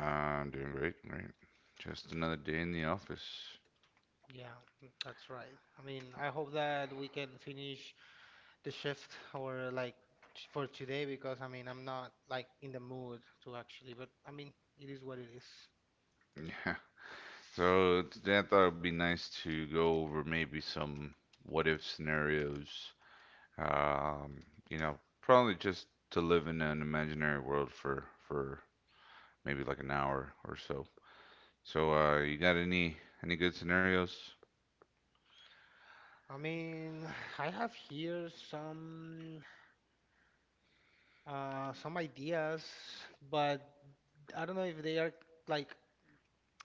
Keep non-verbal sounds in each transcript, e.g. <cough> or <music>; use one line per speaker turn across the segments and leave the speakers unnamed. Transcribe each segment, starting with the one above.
I'm doing great, great. Just another day in the office.
Yeah, that's right. I mean, I hope that we can finish the shift or like for today because I mean, I'm not like in the mood to actually, but I mean, it is what it is.
Yeah. <laughs> So today I thought it would be nice to go over maybe some what if scenarios. Um, Probably just to live in an imaginary world for maybe like an hour or so. So you got any good scenarios?
I mean, <sighs> I have here some ideas, but I don't know if they are like.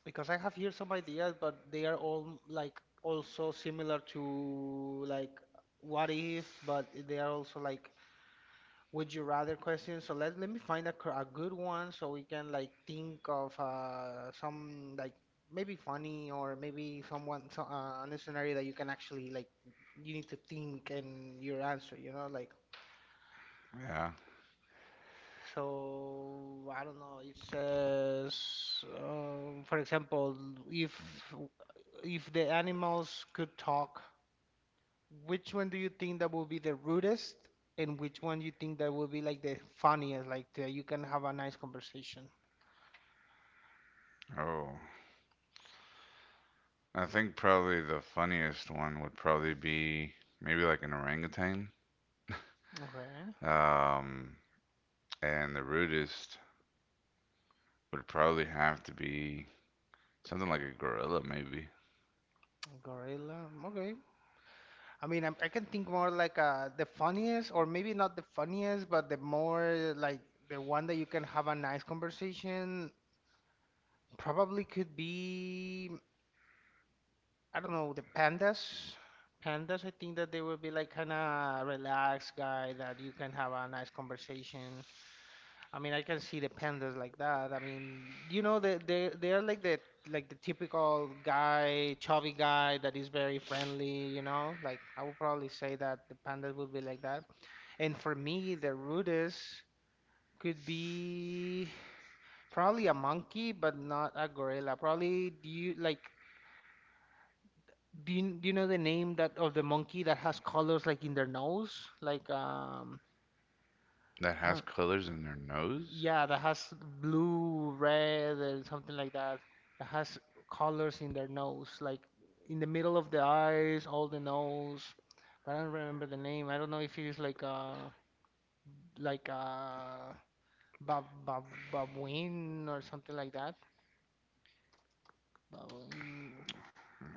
Because I have here some ideas, but they are all like also similar to like what if, but they are also like would you rather questions. So let me find a, a good one so we can like think of some like maybe funny or maybe someone so, on a scenario that you can actually like you need to think and your answer, you know, like.
Yeah.
So I don't know. It says, for example, if if the animals could talk, which one do you think that will be the rudest, and which one you think that will be like the funniest, like the, you can have a nice conversation?
Oh. I think probably the funniest one would probably be maybe like an orangutan.
Okay,
Um, and the rudest would probably have to be something like a gorilla, maybe.
gorilla. Okay. I mean, I can think more like the funniest, or maybe not the funniest, but the more like the one that you can have a nice conversation. Probably could be. I don't know, the pandas. Pandas, I think that they will be like kind of relaxed guy that you can have a nice conversation. I mean, I can see the pandas like that. I mean, you know, they are like the typical guy, chubby guy that is very friendly. You know, like I would probably say that the pandas would be like that. And for me, the rudest could be probably a monkey, but not a gorilla. Probably do you like. Do you know the name that of the monkey that has colors like in their nose? Like
That
I
has
don't,
colors in their nose?
yeah, that has blue, red and something like that. That has colors in their nose, like in the middle of the eyes, all the nose. But I don't remember the name. I don't know if it is like bab bab babuin or something like that. Babuin,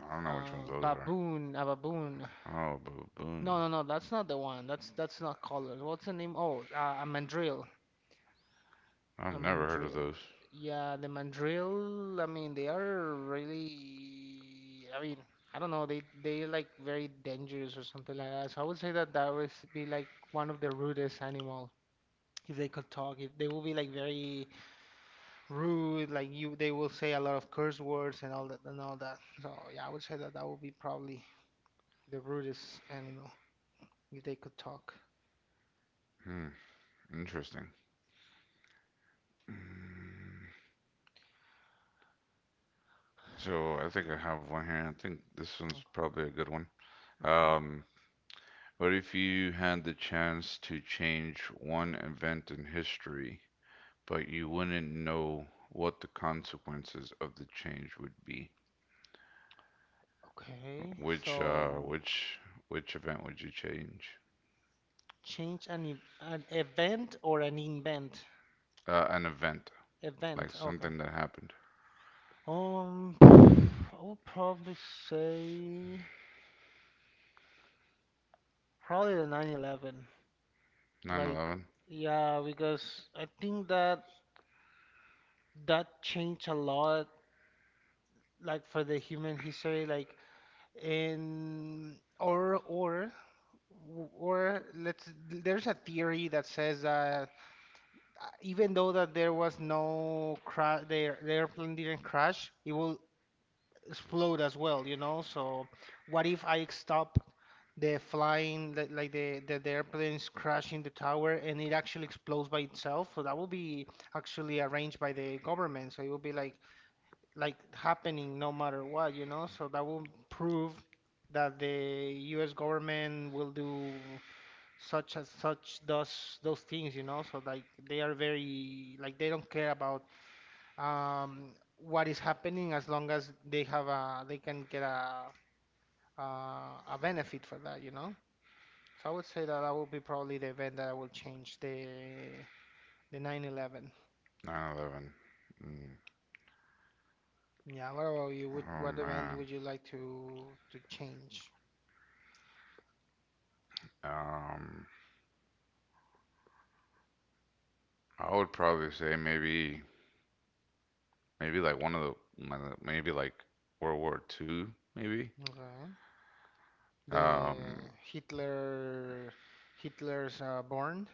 I don't know which ones those are.
baboon, a baboon.
Oh,
No,
baboon.
no, no. That's not the one. That's not colors. What's the name? Oh, a mandrill.
I've
A
never heard of
mandrill.
those.
Yeah, the mandrill. I mean, they are really. I mean, I don't know. They like very dangerous or something like that. So I would say that that would be like one of the rudest animal if they could talk. If they will be like very rude, like you, they will say a lot of curse words and all that and all that. So yeah, I would say that that would be probably the rudest animal if they could talk.
Hmm, interesting. Mm, So I think I have one here. I think this one's
Okay.
probably a good one.
Okay.
Um, what if you had the chance to change one event in history, but you wouldn't know what the consequences of the change would be?
Okay,
Which uh,
so
which which event would you change?
change an an event or an invent?
An event like
Event, okay.
something that happened.
<sighs> I would probably say probably the 9/11.
Nine
Like,
Eleven.
yeah, because I think that that changed a lot, like for the human history, like in or let's there's a theory that says that even though that there was no crash, the airplane didn't crash, it will explode as well, you know? So what if I stop the flying, like the airplane is crashing the tower and it actually explodes by itself? So that will be actually arranged by the government. So it will be like happening no matter what, you know? So that will prove that the US government will do such as such those things, you know. So like they are very like they don't care about um, what is happening as long as they have a they can get a a benefit for that, you know. So I would say that that would be probably the event that I will change the 9/11.
9/11. Mm.
Yeah. What about you? What
Oh
what event
man.
would you like to change?
Um, I would probably say maybe like one of the maybe like World War Two, maybe.
Okay. The
Um,
Hitler Hitler's born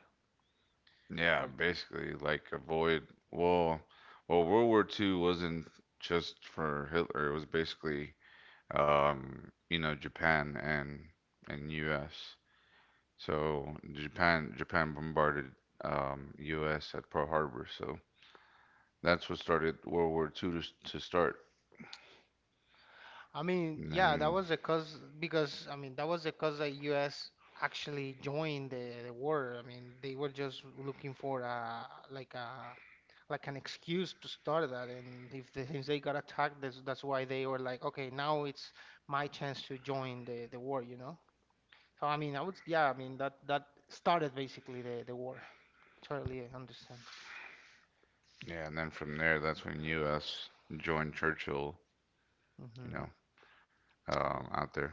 Yeah,
or.
basically, like avoid. Well, well, World War 2 wasn't just for Hitler. It was basically, Japan and U.S. So Japan bombarded U.S. at Pearl Harbor. So that's what started World War Two to, s- to start.
I mean,
And
yeah, that
then,
was because I mean that was because the U.S. actually joined the war. I mean, they were just looking for a like an excuse to start that, and if they, since they got attacked, that's why they were like, okay, now it's my chance to join the war, you know? So I mean, I would, yeah, I mean that that started basically the war. Totally understand.
yeah, and then from there, that's when U.S. joined Churchill. You
Hmm.
know,
Yeah.
Out there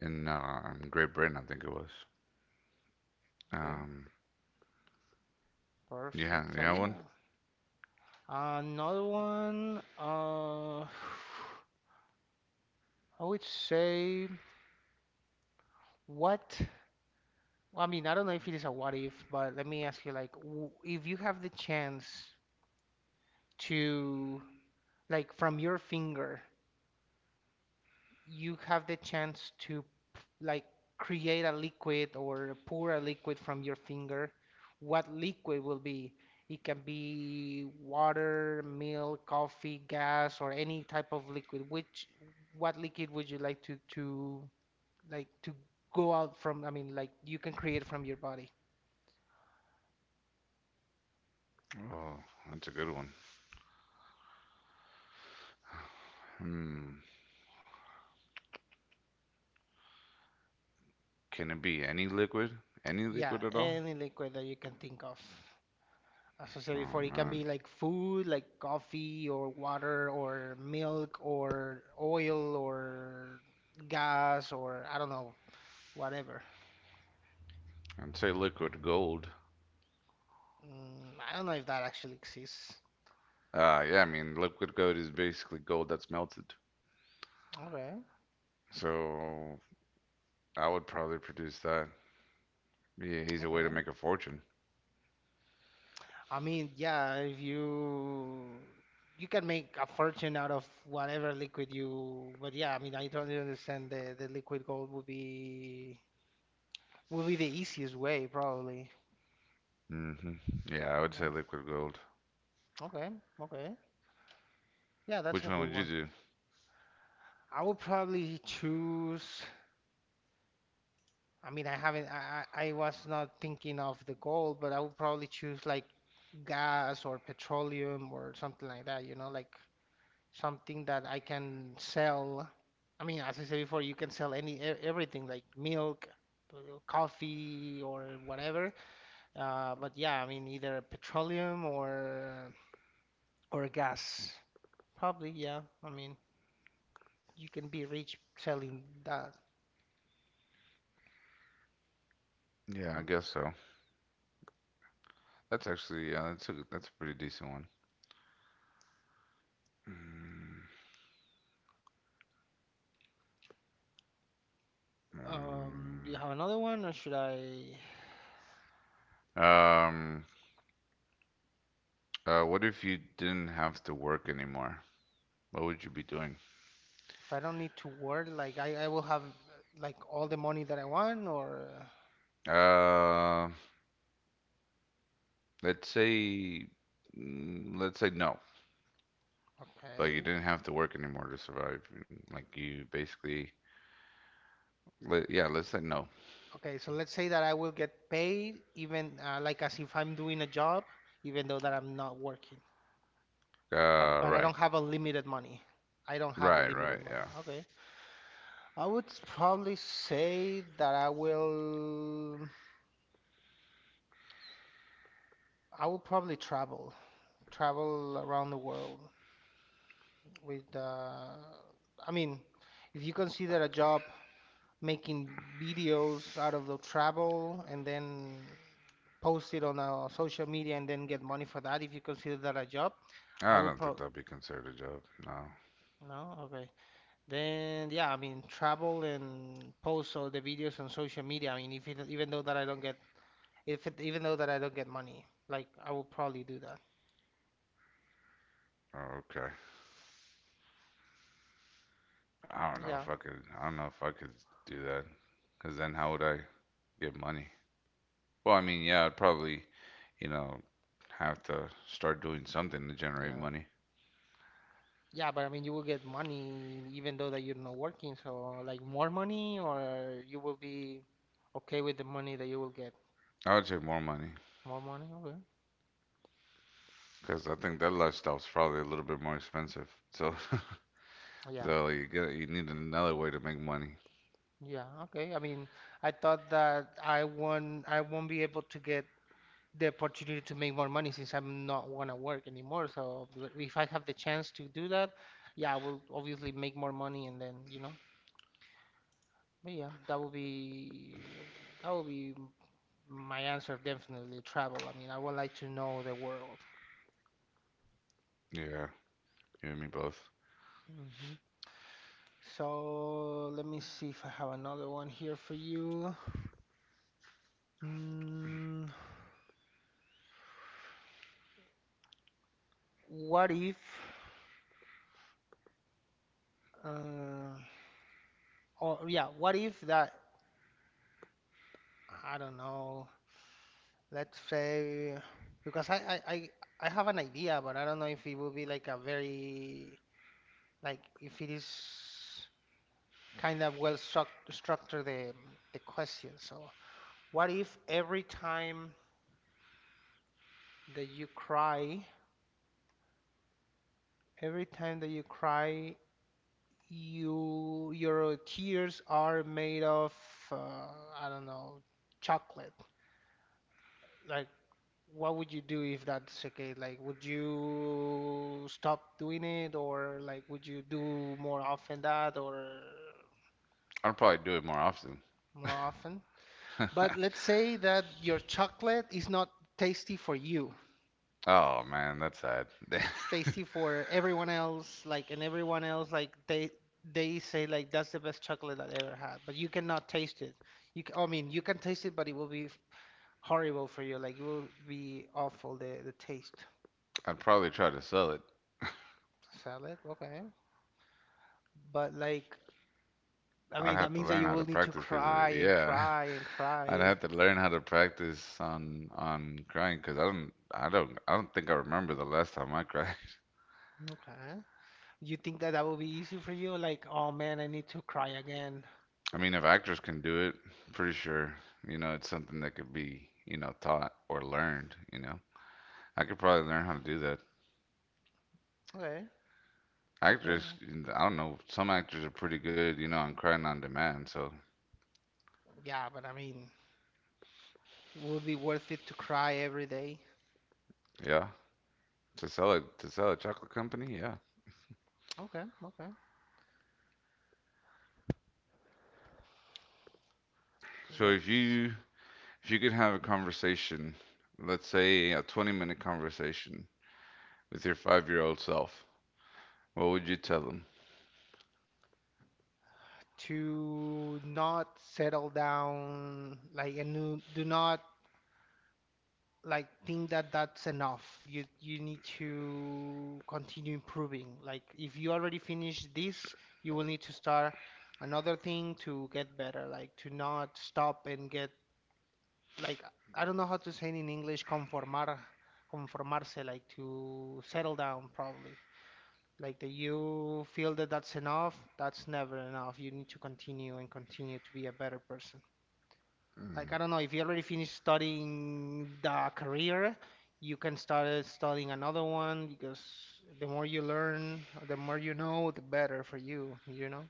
in Great Britain, I think it was.
Great.
Um, yeah,
Perfect.
you
So
have one?
yeah, another one. <sighs> I would say what? Well, I mean, I don't know if it is a what if, but let me ask you like if you have the chance to like from your finger, you have the chance to like create a liquid or pour a liquid from your finger, what liquid will be? It can be water, milk, coffee, gas, or any type of liquid. Which what liquid would you like to like to go out from, I mean, like you can create from your body.
Oh, that's a good one. Hmm. Can it be any liquid? Any
Yeah,
liquid at all?
any liquid that you can think of. As I said
Oh
before, it can be
man,
like food, like coffee or water or milk or oil or gas or I don't know, whatever.
I'd say liquid gold.
Mm, I don't know if that actually exists.
Yeah, I mean liquid gold is basically gold that's melted.
Okay,
So I would probably produce that. Be an easy way to
okay.
make a fortune.
I mean, yeah, if you you can make a fortune out of whatever liquid you, but yeah, I mean, I totally understand the liquid gold would be the easiest way probably.
Hmm. Yeah, I would say
Okay,
liquid gold.
okay, okay. Yeah, that's a
Which one
good
would you
one.
do?
I would probably choose. I mean, I haven't. I was not thinking of the gold, but I would probably choose like gas or petroleum or something like that. You know, like something that I can sell. I mean, as I said before, you can sell any everything like milk, uh, coffee, or whatever. But yeah, I mean, either petroleum or gas. Probably, yeah. I mean, you can be rich selling that.
Yeah, I
Mm.
guess so. That's actually, yeah, that's a pretty decent one. Mm,
Do you
mm.
have another one, or should I?
Um, what if you didn't have to work anymore? What would you be doing?
If I don't need to work, like I will have like all the money that I want, or
Uh, let's say, let's say no, but you
okay.
didn't have to work anymore to survive. Like you basically, yeah, let's say no.
Okay, so let's say that I will get paid even like as if I'm doing a job, even though that I'm not working. But but I
Right,
don't have a limited money. I don't have a
right,
limited
right, yeah.
money. Okay. I would probably say that I will probably travel, travel around the world with I mean, if you consider a job making videos out of the travel and then post it on social media and then get money for that if you consider that a job. I
I
will
don't think
pro,
that'll be considered a job. No.
no okay, then yeah I mean travel and post all the videos on social media I mean if it, even though that I don't get if it, even though that I don't get money like I will probably do that.
Oh, okay. I don't know if
Yeah.
I could. I don't know if I could do that. Cause then how would I get money? Well, I mean, yeah, I'd probably, you know, have to start doing something to generate
Yeah,
money.
yeah but I mean you will get money even though that you're not working so like more money or you will be okay with the money that you will get.
I would say more money.
More money? Okay.
Because I think that lifestyle's probably a little bit more expensive. So, <laughs>
Yeah.
so you need another way to make money.
Yeah. Okay. I mean, I thought that I won't be able to get the opportunity to make more money since I'm not gonna work anymore. So but if I have the chance to do that, yeah, I will obviously make more money and then, you know. But yeah, that will be my answer, definitely travel. I mean, I would like to know the world.
Yeah, you and me both.
Hmm. So let me see if I have another one here for you. Mm, what if. Uh, or yeah, what if that, I don't know, let's say, because I, I, I have an idea, but I don't know if it will be like a very, like if it is kind of well structured the question. So what if that you cry, every time that you cry, you, your tears are made of, uh, I don't know, chocolate? Like what would you do if that's the case? Like, would you stop doing it, or like, would you do more often that, or
I'd probably do it more often.
more often? But
<laughs>
let's say that your chocolate is not tasty for you.
Oh man, that's sad. <laughs>
It's tasty for everyone else, like, and everyone else, like, they say like that's the best chocolate that I ever had, but you cannot taste it. You, I mean, you can taste it, but it will be horrible for you. Like, it will be awful, the taste.
I'd probably try to sell it.
Salad, okay. But like I
I'd
mean,
have
that
to
means that
learn
you
how to
will need to
practice because
cry and
yeah,
cry and
<laughs> I'd
cry.
have to learn how to practice on crying because I don't think I remember the last time I cried.
Okay. You think that that will be easy for you? Like, oh man, I need to cry again.
<laughs> I mean, if actors can do it, pretty sure it's something that could be taught or learned. I could probably learn how to do that.
Okay,
Actors,
okay.
I don't know. Some actors are pretty good, on crying on demand. So
Yeah, but I mean, it will be worth it to cry every day?
yeah, to sell it, to sell a chocolate company, yeah.
Okay, okay.
So
Let's
if you could have a conversation, let's say a 20-minute conversation with your 5-year-old self, what would you tell them?
to not settle down, like, and do not like think that that's enough. You need to continue improving. Like if you already finished this, you will need to start another thing to get better. Like to not stop and get like I don't know how to say it in English, conformar, conformarse, like to settle down probably. Like that you feel that that's enough, that's never enough. You need to continue and continue to be a better person like
Mm,
I don't know if you already finished studying the career, you can start studying another one because the more you learn, the more you know, the better for you, you know?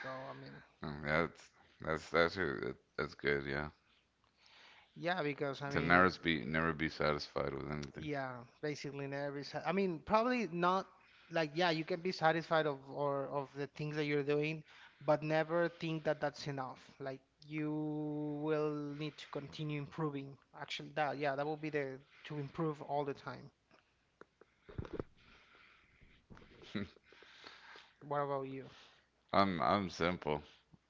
So I mean,
mm, that's that's good. Yeah,
yeah, because I
to
mean,
never be satisfied with anything.
yeah, basically in every I mean, probably not like yeah, you can be satisfied of or of the things that you're doing, but never think that that's enough. Like you will need to continue improving. Actually, that yeah, that will be the to improve all the time.
<laughs>
What about you?
I'm simple.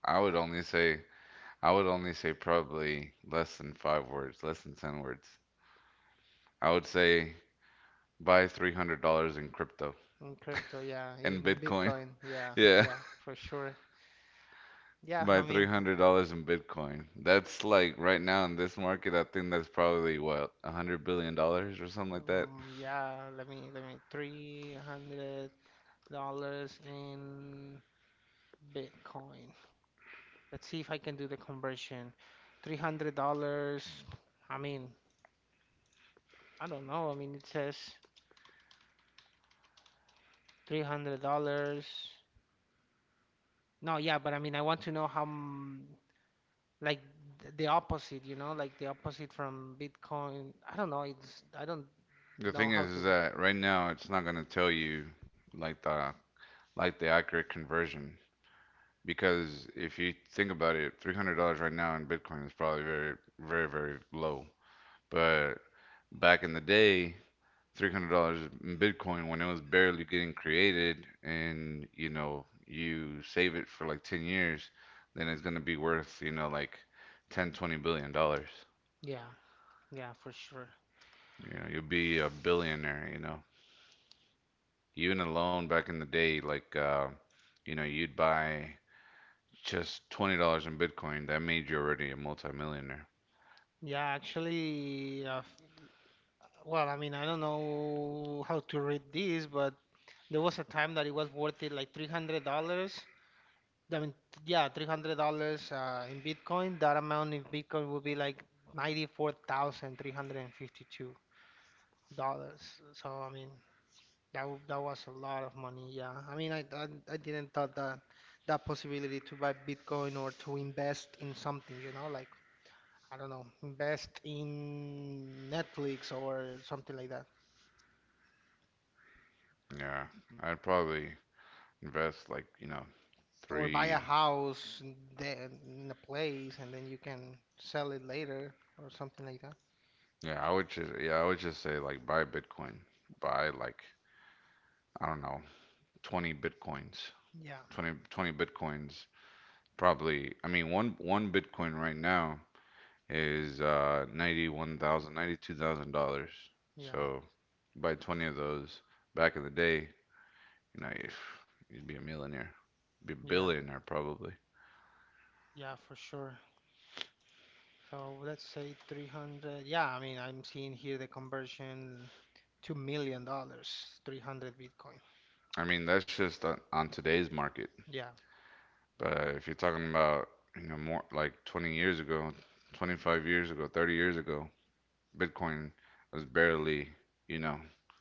I would only say I would only say probably less than five words, less than 10 words. I would say buy $300 in crypto
In crypto, yeah,
in
in
Bitcoin. <laughs>
Bitcoin, yeah,
Yeah,
yeah, for sure.
<laughs>
Yeah,
buy
I mean,
$300 in Bitcoin. That's like right now in this market, I think that's probably what, $100 billion or something like that.
yeah, let me $300 in Bitcoin. Let's see if I can do the conversion. $300, I mean, I don't know. I mean, it says $300. No, yeah, but I mean, I want to know how, like, the opposite, you know, like the opposite from Bitcoin. I don't know. It's, I don't
The
know
thing
how
is
to.
that right now it's not going to tell you like the accurate conversion because if you think about it, $300 right now in Bitcoin is probably very very low. But back in the day, $300 in Bitcoin when it was barely getting created, and you save it for like 10 years, then it's gonna be worth like ten, $20 billion.
Yeah, yeah, for sure.
You know you'll be a billionaire. Even alone back in the day, like you'd buy just $20 in Bitcoin that made you already a multimillionaire.
Yeah, actually, well, I mean, I don't know how to read this, but there was a time that it was worth it like $300. I mean, yeah, $300 in Bitcoin. That amount in Bitcoin would be like $94,352. So, I mean, that was a lot of money. Yeah, I mean, I didn't thought that that possibility to buy Bitcoin or to invest in something, you know, like I don't know, invest in Netflix or something like that,
Yeah, I'd probably invest like
or buy a
three.
house and then in a place and then you can sell it later or something like that.
Yeah, I would just, yeah, I would just say like buy Bitcoin. Buy like I don't know, 20 Bitcoins.
Yeah,
Twenty Bitcoins probably. I mean, one Bitcoin right now is $91,000
yeah,
So buy 20 of those back in the day, if you'd be a millionaire. Be a
yeah,
billionaire probably.
yeah, for sure. So let's say 300. Yeah, I mean, I'm seeing here the conversion, $2 million, 300 Bitcoin.
I mean, that's just on today's market.
Yeah,
But if you're talking about, more like 20 years ago, 25 years ago, 30 years ago, Bitcoin was barely, you know,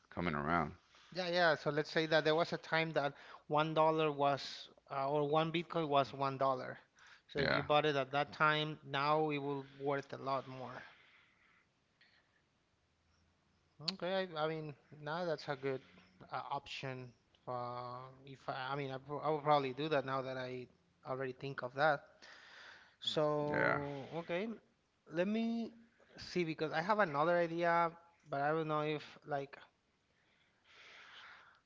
coming around.
yeah, yeah. So let's say that there was a time that $1 was, or one Bitcoin was $1. So if you
Yeah,
bought it at that time, now it will worth a lot more. Okay, I mean, now that's a good option. If I, I mean, I will probably do that now that I already think of that.
yeah.
So okay, let me see because I have another idea, but I don't know if like,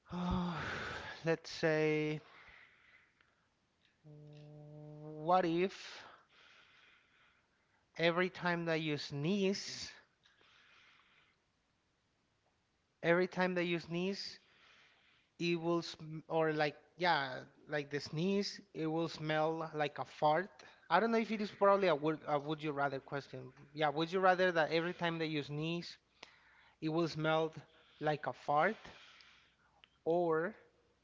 <sighs> let's say, what if every time that you sneeze, every time that you sneeze, it will sm or like yeah, like the sneeze, it will smell like a fart. I don't know if it is probably a would you rather question. Yeah, would you rather that every time that you sneeze, it will smell like a fart, or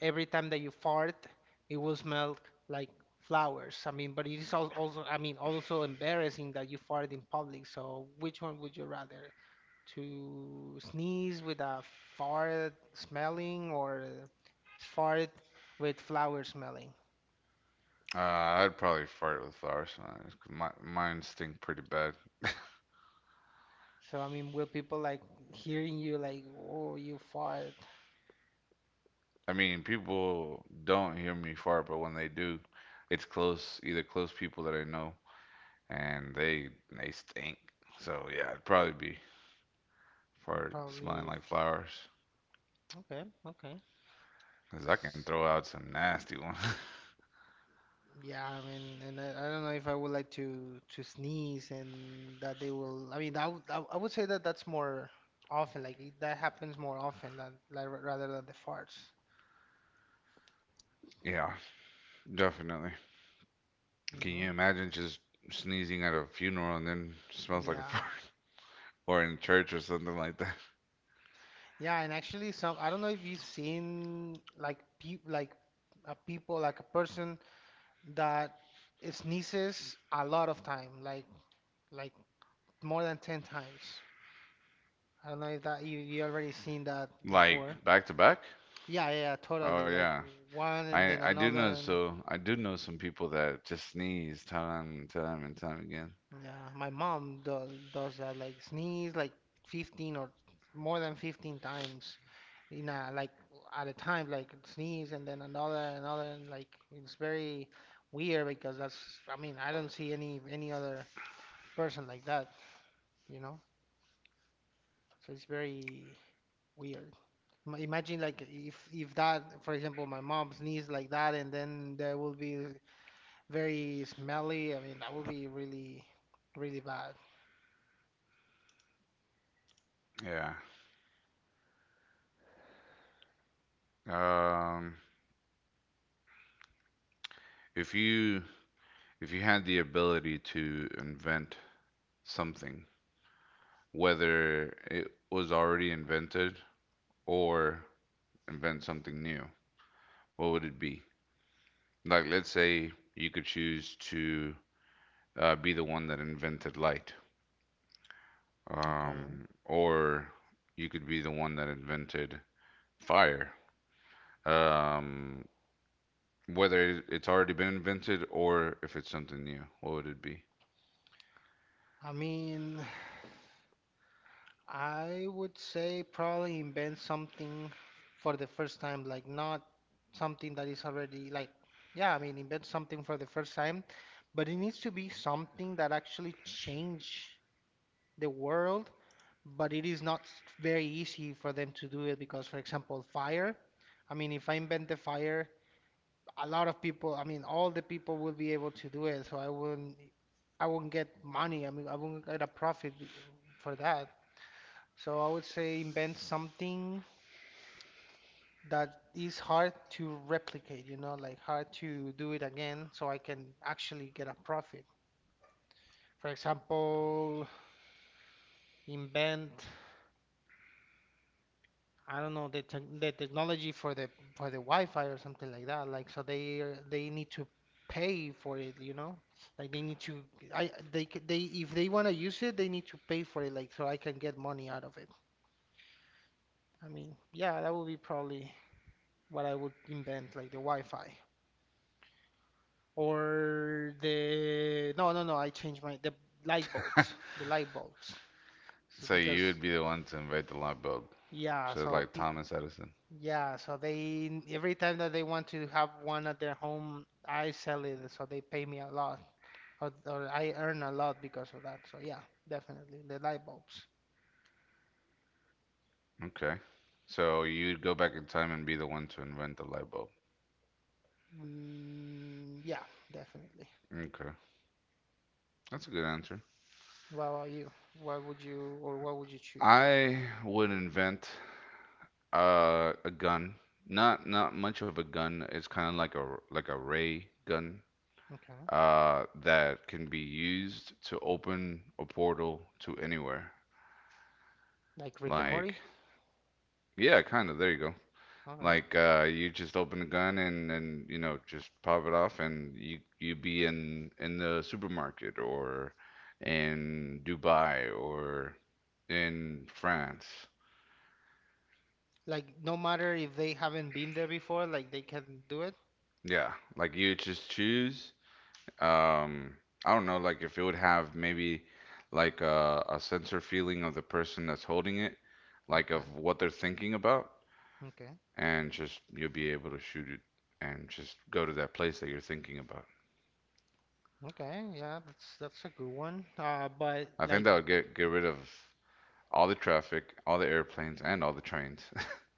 every time that you fart, it will smell like flowers. I mean, but it is also I mean also embarrassing that you fart in public. So which one would you rather? To sneeze with a fart smelling or fart with flower smelling.
I'd probably fart with flowers on it 'cause my mine stink pretty bad.
So I mean, will people like hearing you like, oh, you fart?
I mean, people don't hear me fart, but when they do, it's close, either close people that I know, and they stink. So yeah, it'd probably be fart smelling
Probably.
like flowers,
Okay, okay.
'cause I can throw out some nasty ones. <laughs>
Yeah, I mean, and I don't know if I would like to sneeze and that they will. I mean, I would say that that's more often. That happens more often than like, rather than the farts.
Yeah, definitely.
You
Can you
know?
imagine just sneezing at a funeral and then smells like a fart,
Yeah.
or in church or something like that? <laughs>
Yeah, and actually, some I don't know if you've seen like pe like a people like a person that sneezes a lot of time, like more than 10 times. I don't know if that you already seen that
Like
before.
back to back?
Yeah, yeah,
Oh
totally. Like
yeah.
one and
I
then
I do
another.
know
And
so I do know some people that just sneeze time and time and time again.
yeah, my mom does that like sneeze like 15 or more than 15 times you know, like at a time like sneeze and then another another and like it's very weird because that's I mean I don't see any other person like that, you know? So it's very weird. Imagine like if that for example my mom sneezes like that and then there will be very smelly. I mean that will be really really bad.
Yeah. Um if you if you had the ability to invent something, whether it was already invented or invent something new, what would it be? Like let's say you could choose to be the one that invented light.
Okay.
Or you could be the one that invented fire. Um, Whether it's already been invented or if it's something new, what would it be?
I mean, I would say probably invent something for the first time, like not something that is already like, yeah, I mean, invent something for the first time, but it needs to be something that actually change the world, but it is not very easy for them to do it because, for example, fire. I mean, if I invent the fire, a lot of people, I mean, all the people will be able to do it, so I wouldn't get money. I mean, I wouldn't get a profit for that. So I would say invent something that is hard to replicate, you know, like hard to do it again so I can actually get a profit. For example, invent, I don't know, the technology for the Wi-Fi or something like that. Like so they they need to pay for it, you know? Like they need to I they c- they if they want to use it, they need to pay for it like so I can get money out of it. I mean, yeah, that would be probably what I would invent, like the Wi-Fi. Or the no, no, no. I changed my the light bulbs. The light bulbs. So
So you
because
would be the one to invent the light bulb.
yeah,
So it's
so
like
pe
Thomas Edison.
yeah, so they every time that they want to have one at their home, I sell it. So they pay me a lot, or I earn a lot because of that. So yeah, definitely the light bulbs.
Okay. So you'd go back in time and be the one to invent the light bulb.
Mm, yeah, definitely.
Okay. That's a good answer.
What about you? What would you or what would you choose?
I would invent a gun. Not much of a gun. It's kind of like a ray gun
Okay,
that can be used to open a portal to anywhere.
like Rick and
Like,
Morty.
yeah, kind of. There you go.
Okay.
Like, you just open a gun and just pop it off, and you be in the supermarket or in Dubai or in France.
Like no matter if they haven't been there before, like they can do it.
Yeah, like you just choose um I don't know like if it would have maybe like a sensor feeling of the person that's holding it like of
Okay.
what they're thinking about,
Okay.
and just you'll be able to shoot it and just go to that place that you're thinking about.
Okay. Yeah, that's a good one. But
I think
like,
that would get rid of all the traffic, all the airplanes and all the trains.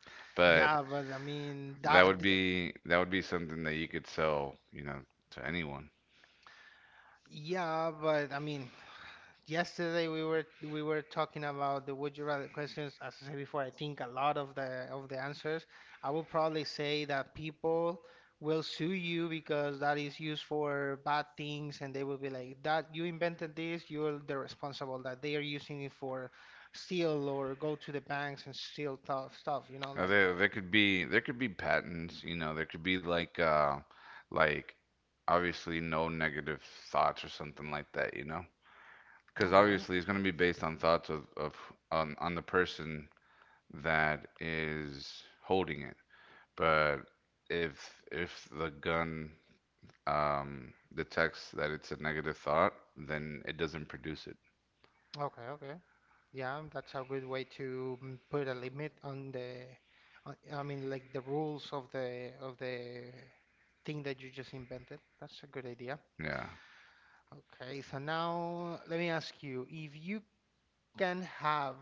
<laughs> But
yeah, but I mean
that would
that.
be something that you could sell to anyone.
Yeah, but I mean, yesterday we were talking about the would you rather questions. As I said before, I think a lot of the answers, I would probably say that people will sue you because that is used for bad things, and they will be like, "That you invented this, you're the responsible." That they are using it for steal or go to the banks and steal tough stuff. You know, like
There, there could be patents, there could be like like obviously no negative thoughts or something like that, you know? Because
okay,
obviously it's going to be based on thoughts of on the person that is holding it. But if the gun detects that it's a negative thought, then it doesn't produce it.
okay, okay. Yeah, that's a good way to mm, put a limit on the, on, I mean, like the rules of the thing that you just invented. That's a good idea.
Yeah.
Okay, so now let me ask you, if you can have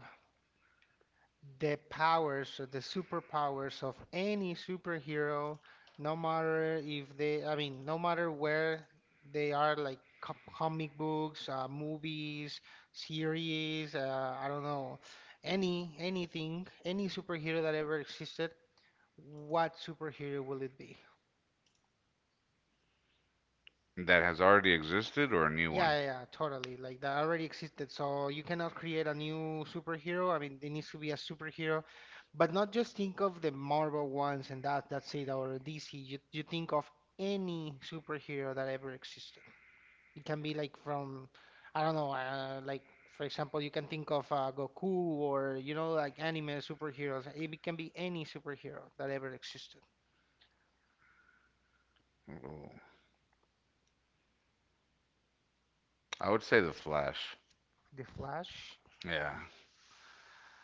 the powers or the superpowers of any superhero, no matter if they, I mean, no matter where they are, like comic books, movies, series, I don't know, any anything, any superhero that ever existed, what superhero will it be?
That has already existed or a new
Yeah,
one?
yeah, yeah, totally. Like that already existed. So you cannot create a new superhero. I mean, there needs to be a superhero, but not just think of the Marvel ones and that that's it or DC. You think of any superhero that ever existed. It can be like from, I don't know, like for example, you can think of Goku or you know like anime superheroes. Can be any superhero that ever existed.
Ooh. I would say the Flash.
The Flash.
Yeah.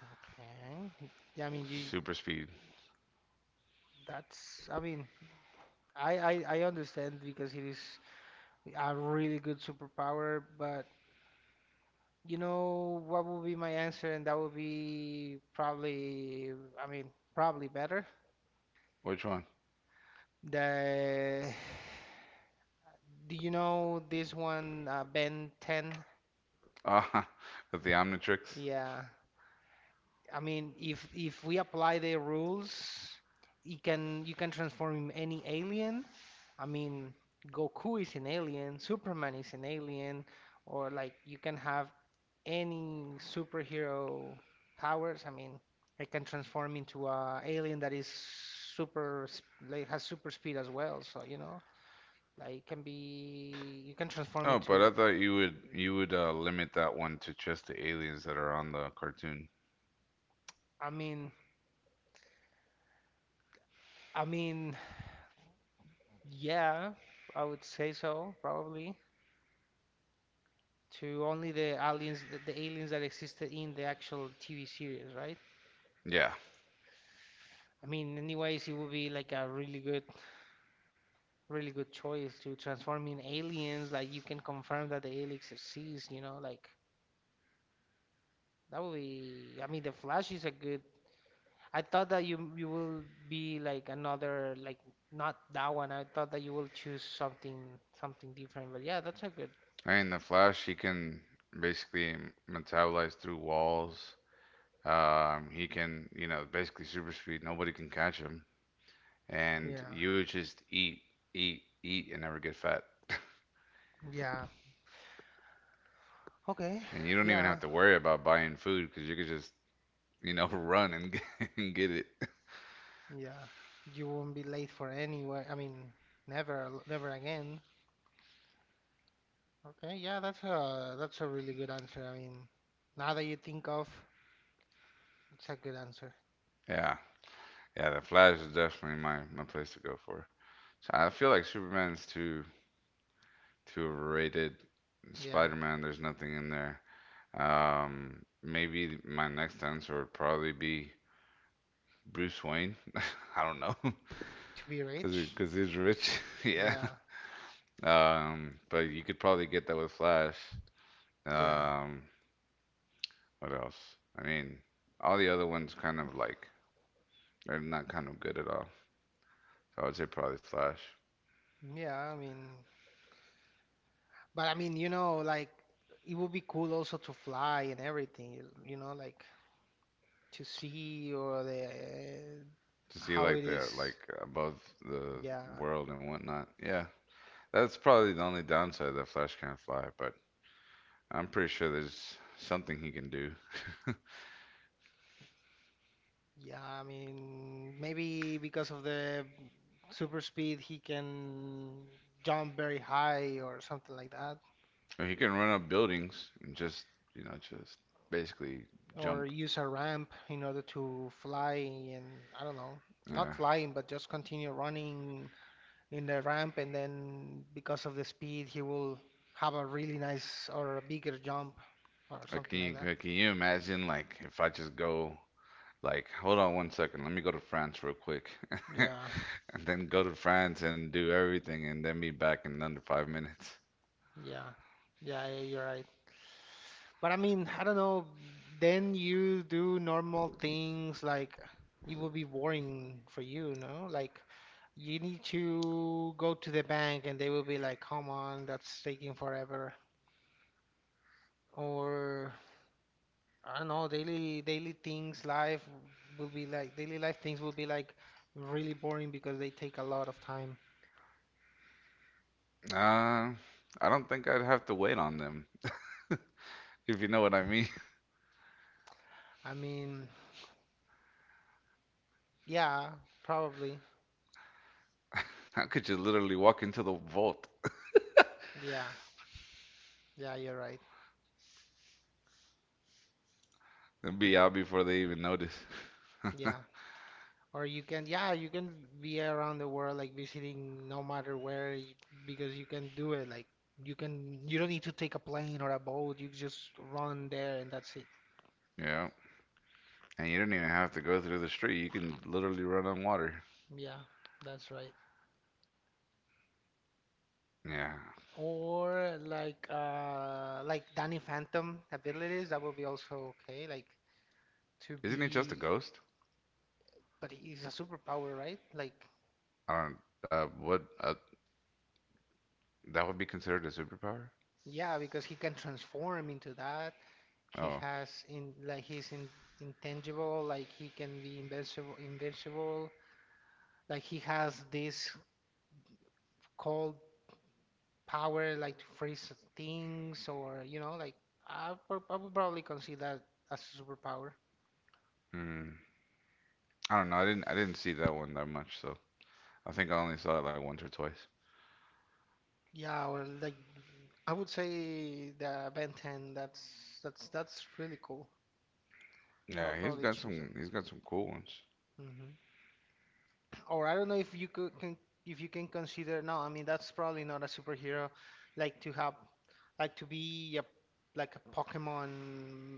Okay. Yeah, I mean, you
Super speed.
that's I mean. I understand because it is a really good superpower, but you know what would be my answer, and that would be probably, I mean, probably better.
Which one?
The <sighs> do you know this one, Ben 10?
Ah, <laughs> with the Omnitrix.
Yeah, I mean, if we apply the rules, you can transform any alien. I mean, Goku is an alien, Superman is an alien, or like you can have any superhero powers. I mean, I can transform into a alien that is super, like has super speed as well. So, you know, like it can be, you can transform
Oh, but I
into,
thought you would limit that one to just the aliens that are on the cartoon.
I mean, I mean, yeah, I would say so, probably. To only the aliens that existed in the actual TV series, right?
Yeah.
I mean, anyways, it would be like a really good, really good choice to transform in aliens. Like you can confirm that the aliens exist, you know, like that would be. I mean, The Flash is a good. I thought that you will be like another like not that one. I thought that you will choose something different. But yeah, that's a good.
I mean, the Flash, he can basically metabolize through walls. He can, basically super speed. Nobody can catch him. And
Yeah,
you would just eat, eat, eat, and never get fat.
yeah. Okay,
And you don't even have
yeah,
to worry about buying food because you could just, <laughs> run and get, <laughs> and get it.
yeah. You won't be late for anywhere. I mean, never again. Okay, yeah, that's a really good answer. I mean, now that you think of, it's a good answer.
Yeah. Yeah, the Flash is definitely my place to go for. So I feel like Superman's too overrated.
Yeah,
Spider-Man, there's nothing in there. Maybe my next answer would probably be Bruce Wayne. <laughs> I don't know, <laughs>
to be
cause
rich.
he's rich. <laughs> Yeah.
Yeah,
But you could probably get that with Flash.
yeah,
Um, what else? I mean, all the other ones kind of like they're not kind of good at all. So I would say probably Flash.
yeah. I mean, but I mean, you know, like it would be cool also to fly and everything, you know, like to see or the
To see
how it
like
is.
the like above the
Yeah.
world and whatnot. Yeah, that's probably the only downside that Flash can't fly, but I'm pretty sure there's something he can do.
Yeah, I mean, maybe because of the super speed, he can jump very high or something like that,
Or he can run up buildings and just you know just basically
or
jump.
use a ramp in order to fly, and I don't know, not
Yeah.
flying, but just continue running in the ramp, and then because of the speed, he will have a really nice or a bigger jump or
Like, can
something like
you
that.
like, can you imagine like if I just go like hold on one second, let me go to France real quick, <laughs>
Yeah,
and then go to France and do everything and then be back in under 5 minutes.
yeah, yeah, you're right. But I mean, I don't know. Then you do normal things. Like it would be boring for you, no? Like you need to go to the bank and they will be like, come on, that's taking forever. Or I don't know, daily things, life will be like, daily life things will be like really boring because they take a lot of time.
Uh, I don't think I'd have to wait on them if you know what I mean.
I mean, yeah, probably.
How could you literally walk into the vault
Yeah. Yeah, you're right.
and be out before they even notice?
Yeah. Or you can, yeah, you can be around the world like visiting no matter where because you can do it. Like you can, you don't need to take a plane or a boat. You just run there and that's it.
Yeah. And you don't even have to go through the street. You can literally run on water.
Yeah, that's right.
Yeah.
Or like Danny Phantom abilities, that would be also okay. Like to
Isn't he just a
be,
ghost?
but he's a superpower, right? Like
I don't. What? That would be considered a superpower?
yeah, because he can transform into that. He
Oh.
has in like he's in, intangible, like he can be invincible, invincible. Like he has this cold power, like to freeze things, or you know, like I would probably consider that as a superpower.
Hmm. I don't know. I didn't see that one that much. So I think I only saw it like once or twice.
Yeah, or like I would say the Ben 10. That's really cool. I would
Yeah. He's
probably
got
choose that.
some. He's got some cool ones.
Hmm. Or I don't know if you could can, if you can consider. No, I mean that's probably not a superhero. Like to have like to be a like a Pokemon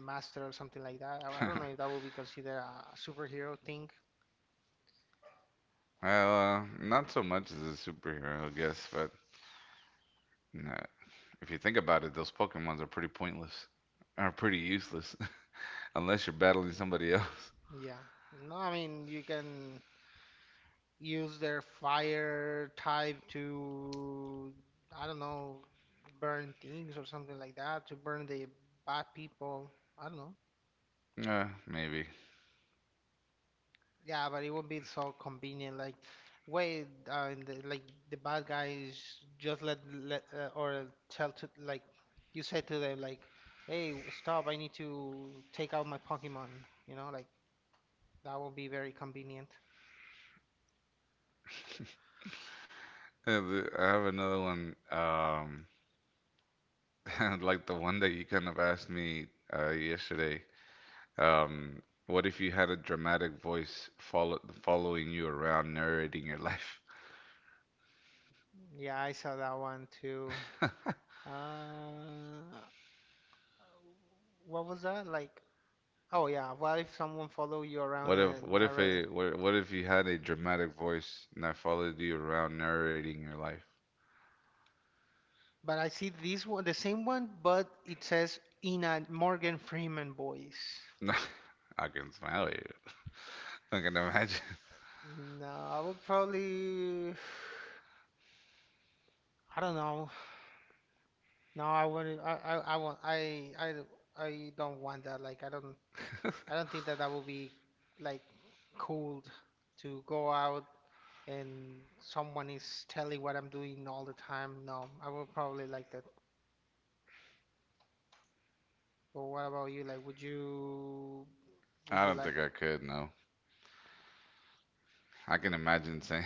master or something like that. I don't know if
<laughs>
that would be considered a superhero thing.
Well, not so much as a superhero, I guess, but no, if you think about it, those Pokemons are pretty pointless. Are pretty useless <laughs> unless you're battling somebody else. <laughs>
Yeah. No, I mean you can use their fire type to, I don't know, burn things or something like that, to burn the bad people. I don't know.
Yeah, maybe.
Yeah, but it won't be so convenient. Like, wait, and the, like the bad guys just let or tell to, like, you say to them like, hey, stop! I need to take out my Pokemon. You know, like that will be very convenient.
Yeah, I have another one. <laughs> Like the one that you kind of asked me yesterday. Um, what if you had a dramatic voice following you around narrating your <laughs> life?
Yeah, I saw that one too. Uh, what was that? Like, oh yeah, what if someone follow you around
What if
and
what if
already?
a what, what if you had a dramatic voice that followed you around narrating your life?
But I see this one, the same one, but it says in a Morgan Freeman voice.
<laughs> I can smile at you. I can imagine.
No, I would probably. I don't know. No, I wouldn't. I want. I, d- I don't want that. Like, I don't. I don't think that that would be like cool to go out and someone is telling what I'm doing all the time. No, I would probably like that. Well, what about you? Like, would you,
<laughs>
would
I
you
don't
like?
think I could, no. I can imagine saying,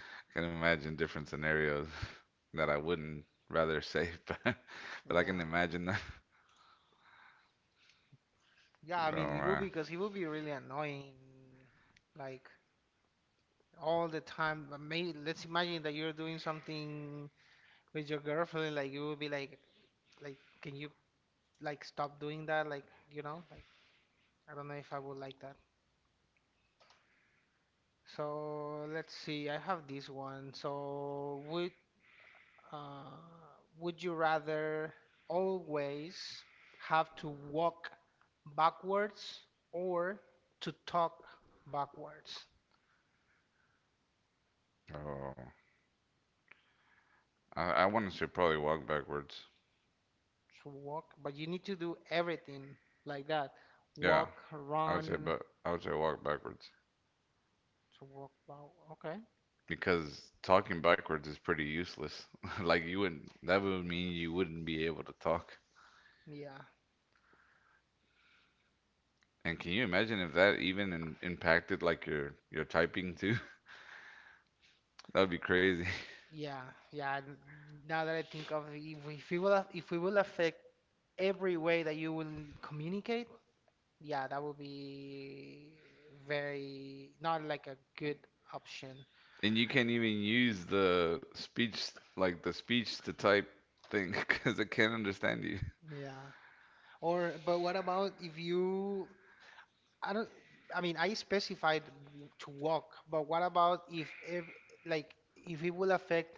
<laughs> I can imagine different scenarios <laughs> that I wouldn't rather say, <laughs> but I can
Yeah,
imagine that. <laughs>
yeah.
Oh
I mean, it would be
man,
because it would be really annoying, like all the time. But may let's imagine that you're doing something with your girlfriend. Like, you would be like, can you like stop doing that? Like, you know, like I don't know if I would like that. So let's see. I have this one. So uh, would you rather always have to walk backwards or to talk backwards,
oh, I want to say probably walk backwards.
to walk, but you need to do everything like that,
Yeah,
walk,
I would say,
run,
but I would say walk backwards
to walk bow, okay,
because talking backwards is pretty useless. <laughs> Like you wouldn't, that would mean you wouldn't be able to talk.
yeah,
And can you imagine if that even impacted like your typing too? <laughs> That would be crazy.
yeah yeah, now that I think of it, if we will affect every way that you will communicate, yeah, that would be very not like a good option.
And you can't even use the speech like the speech to type thing <laughs> because it can't understand you.
Yeah, or but what about if you, I don't, I mean, I specified to walk, but what about if ev, like if it will affect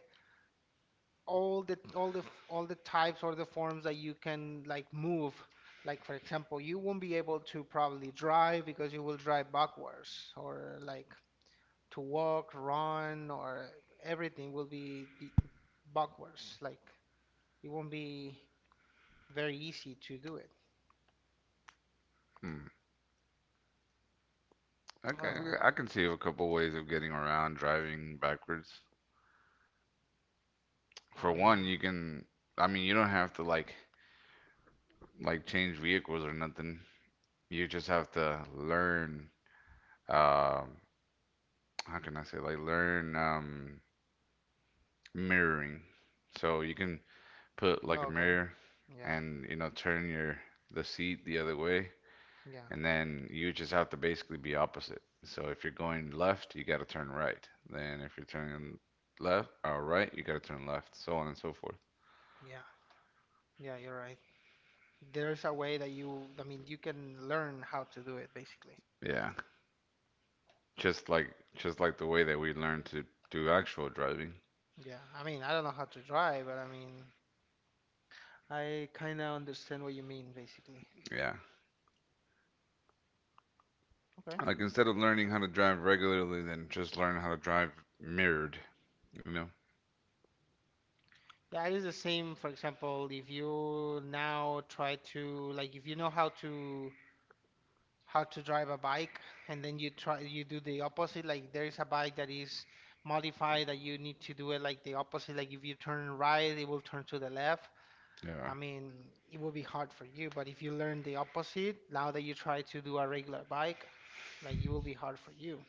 all the all the types or the forms that you can like move? Like for example, you won't be able to probably drive because you will drive backwards, or like to walk, run, or everything will be the backwards. Like it won't be very easy to do it.
Hmm.
I don't
Okay,
know.
I can see a couple ways of getting around driving backwards.
I
For one,
mean,
you can. I mean, you don't have to like change vehicles or nothing. You just have to learn. Um, how can I say like learn mirroring. So you can put like a
okay.
mirror
Yeah,
and turn your the seat the other way
yeah,
and then you just have to basically be opposite. So if you're going left, you got to turn right. Then if you're turning left or right, you got to turn left, so on and so forth.
yeah, yeah, you're right. There's a way that you, I mean, you can learn how to do it basically.
Yeah, just like just like the way that we learn to do actual driving.
Yeah, I mean, I don't know how to drive, but I mean, I kind of understand what you mean basically.
Yeah,
Okay.
like instead of learning how to drive regularly, then just learn how to drive mirrored. You know?
Yeah, it is the same, for example, if you now try to, like, if you know how to, how to drive a bike and then you try, you do the opposite, like there is a bike that is modified that you need to do it like the opposite, like if you turn right, it will turn to the left. I
Yeah.
mean, it will be hard for you, but if you learn the opposite, now that you try to do a regular bike, like it will be hard for you.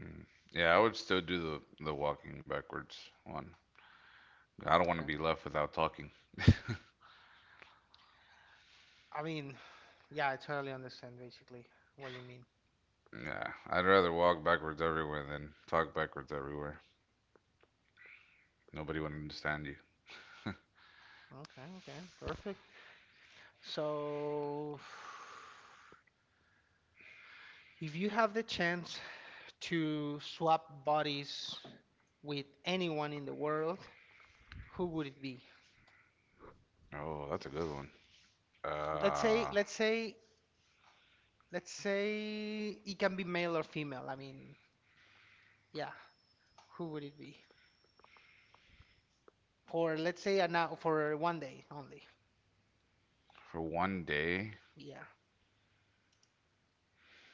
Mm. Yeah, I would still do the walking backwards one. I don't want to
Okay.
be left without talking.
I mean, yeah, I totally understand basically what you mean.
Yeah, I'd rather walk backwards everywhere than talk backwards everywhere. Nobody would understand you.
Okay, okay, perfect. So, if you have the chance to swap bodies with anyone in the world, who would it be?
Oh, that's a good one.
Let's say,
Uh,
let's say, let's say it can be male or female. I mean, yeah, who would it be? For let's say an hour, for 1 day only.
for one day,
Yeah.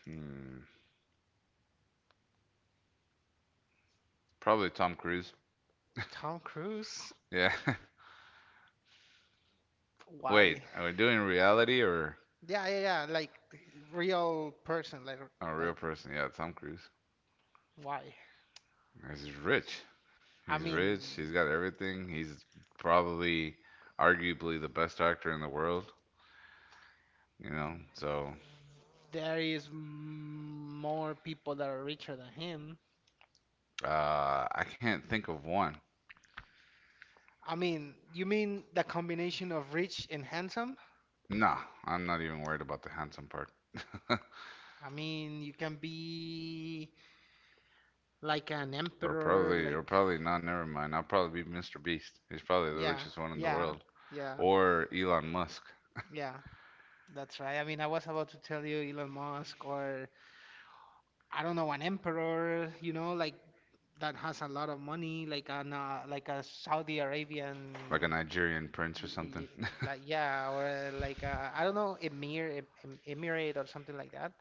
hmm, probably Tom Cruise.
Tom Cruise?
Yeah. <laughs> Wait,
Why?
are we doing reality or
Yeah, Like real person.
a real
Like
person? Yeah, Tom Cruise.
why?
He's rich.
I
He's rich. He's
mean,
got everything. He's probably, arguably, the best actor in the world. You know, so
there is more people that are richer than him.
I can't think of one.
I mean, you mean the combination of rich and handsome?
Nah, I'm not even worried about the handsome part.
I mean, you can be like an emperor,
Or
like
probably not. Never mind. I'll probably be Mr. Beast. He's probably the
yeah,
richest one in the
yeah,
world,
yeah,
or Elon Musk,
yeah. That's right. I mean, I was about to tell you Elon Musk or I don't know an emperor, you know, like that has a lot of money, like an like a Saudi Arabian,
like a Nigerian prince
y
or something.
y
<laughs>
like yeah, or like I don't know emir emirate or something like that.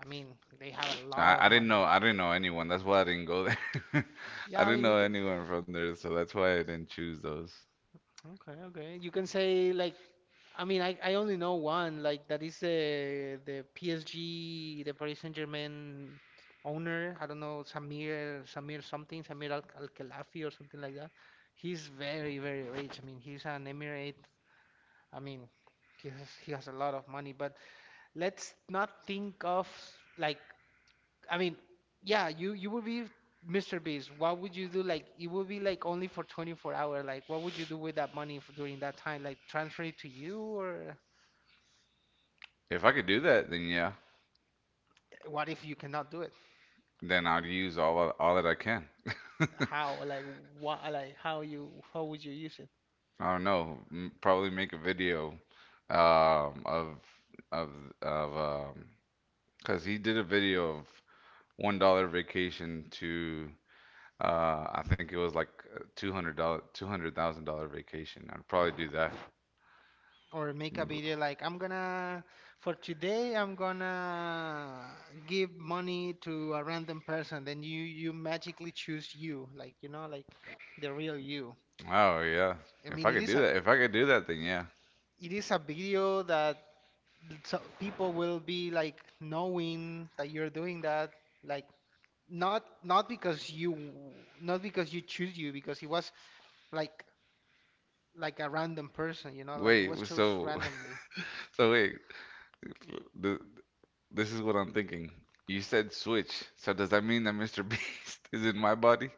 I mean, they have a lot
I,
of
I didn't know.
money.
I didn't know anyone. That's why I didn't go there. <laughs> I
Yeah, I
didn't
mean, you
know
can.
anyone from there, so that's why I didn't choose those.
Okay, okay. You can say like, I mean, I only know one like that, is the PSG, the Paris Saint-Germain owner. I don't know Samir something, Samir Al Khelafi or something like that. He's very rich. I mean, he's an emirate. I mean, he has a lot of money. But let's not think of like, I mean, yeah, you would be Mr. Beast. What would you do? Like, it would be like only for 24 hours. Like, what would you do with that money for during that time? Like, transfer it to you, or
If I could do that, then yeah,
what if you cannot do it?
then I'd use all that I can.
How like what like how would you use it?
I don't know. Probably make a video, um, of of of because he did a video of $1 vacation to I think it was like a $200, $200,000 vacation. I'd probably do that.
Or make a
Mm,
video like, I'm gonna, for today, I'm gonna give money to a random person. Then you magically choose you, like you know, like the real you.
Oh yeah,
I
if I
mean, it
could
is
do
a,
that, if I could do that, then yeah.
it is a video that, so people will be like knowing that you're doing that, like not not because you choose you, because it was like like a random person, you know, like it
Wait,
was chose
so
randomly.
<laughs> so wait, th- this is what I'm thinking. You said switch, so does that mean that Mr. Beast <laughs> is in my body?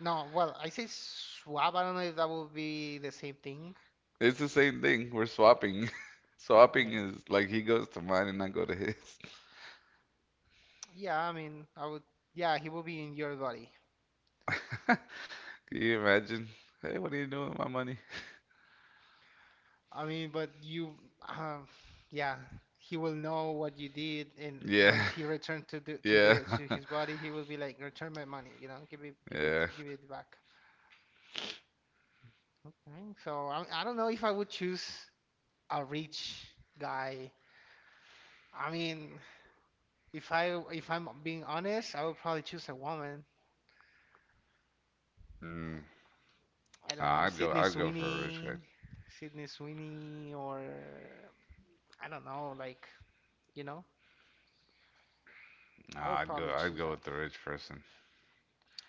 No, well, I say swap, I don't know if that would be the same thing.
It's the same thing. We're swapping. <laughs> Swapping
Okay,
is like he goes to mine and I go to his.
yeah, I mean I would, yeah, he will be in your body.
<laughs> Can you imagine? Hey, what are you doing with my money?
I mean, but you, um, yeah, he will know what you did, and
Yeah,
once he returned to the
<laughs> yeah,
to his body, he will be like, "Return my money, you know, give it, give it,
<laughs> yeah.
give it back." Okay, so I don't know if I would choose a rich guy. I mean, if I'm being honest, I would probably choose a woman.
Mm.
I
Uh,
don't know,
I'd go.
Sydney
I'd go for a rich guy.
Sweeney, or I don't know, like you know, I
Nah,
would
I'd go.
probably
I'd
choose
go
that
with the rich person.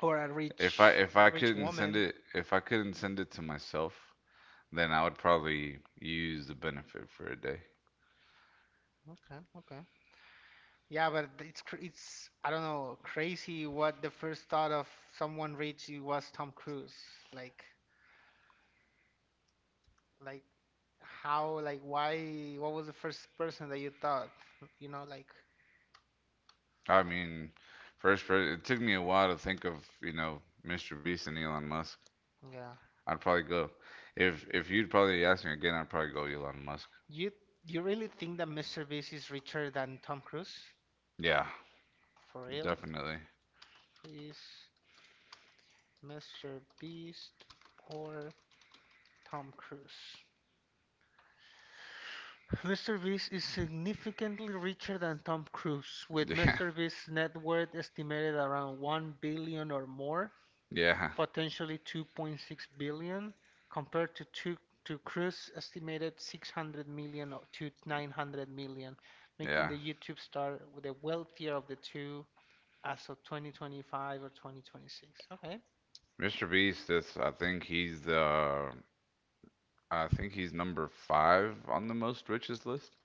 or a rich, rich woman.
If I couldn't send it to myself, then I would probably use the benefit for a day.
Okay, okay. Yeah, but it's it's, I don't know, crazy what the first thought of someone reaching was Tom Cruise. Like like how, like why, what was the first person that you thought? <laughs> You know, like
I mean, first, it took me a while to think of you know Mr. Beast and Elon Musk.
yeah.
I'd probably go. If you'd probably ask me again, I'd probably go Elon Musk.
You you really think that Mr. Beast is richer than Tom Cruise?
Yeah,
For real?
definitely.
Is Mr. Beast or Tom Cruise? Mr. Beast is significantly richer than Tom Cruise, with Mr.
<laughs>
Beast's net worth estimated around 1 billion dollars or more,
Yeah, yeah,
potentially 2.6 billion, dollars, compared to, to Cruise estimated 600 million or to 900 million, dollars, making
yeah.
the YouTube star the wealthier of the two as of 2025 or 2026. Okay.
Mr. Beast, that's, I think he's number five on the most richest list.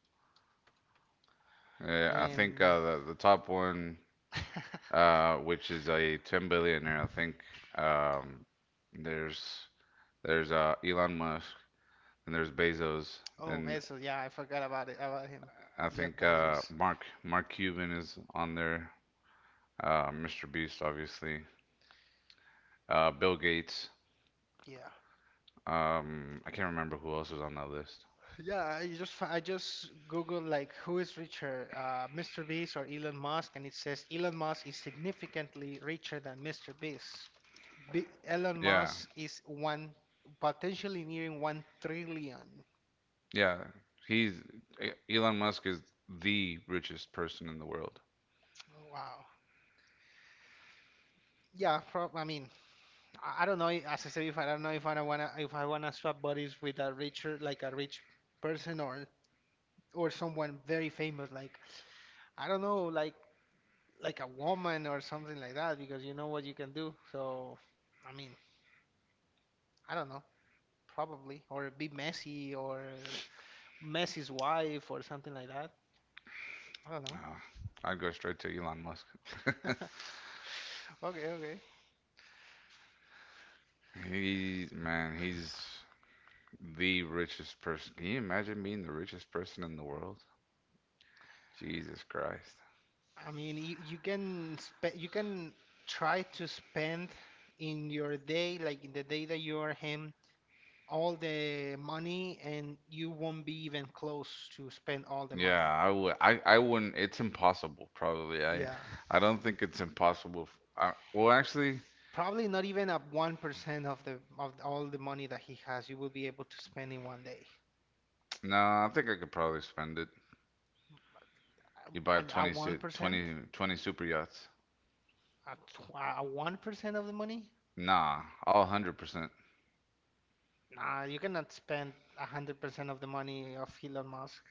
Yeah, I think
And
the top one,
<laughs>
which is a 10 billionaire. I think um, there's there's Elon Musk and there's Bezos
oh,
and
Bezos, yeah, I forgot about it about him.
I
Jeff
think uh,
Bezos.
Mark Mark Cuban is on there. Mr. Beast, obviously. Bill Gates.
Yeah.
I can't remember who else was on that list.
Yeah, I just Google like who is richer, Mr. Beast or Elon Musk, and it says Elon Musk is significantly richer than Mr. Beast. Be Elon
Yeah,
Musk is one potentially nearing 1 trillion.
yeah. He's Elon Musk is the richest person in the world.
Wow. Yeah, prob I mean, I don't know. As I said, if I don't know if I wanna swap bodies with a richer like a rich person or someone very famous, like I don't know, like a woman or something like that because you know what you can do. So, I mean, I don't know, probably or be Messi or Messi's wife or something like that. I don't know.
Oh, I'd go straight to Elon Musk.
<laughs> Okay.
He's Man, he's the richest person. Can you imagine being the richest person in the world? Jesus Christ.
I mean, you can spe you can try to spend in your day, like in the day that you are him, all the money, and you won't be even close to spend all the
Yeah,
money.
I would. I wouldn't. It's impossible, probably. I,
Yeah.
I don't think it's impossible. Well, actually,
Probably not even a 1% of the of all the money that he has, you will be able to spend in 1 day.
no. I think I could probably spend it. You buy
And a
20,
1%,
20, twenty super yachts.
a, 1% of the money?
Nah, all 100%.
Nah, you cannot spend 100% of the money of Elon Musk.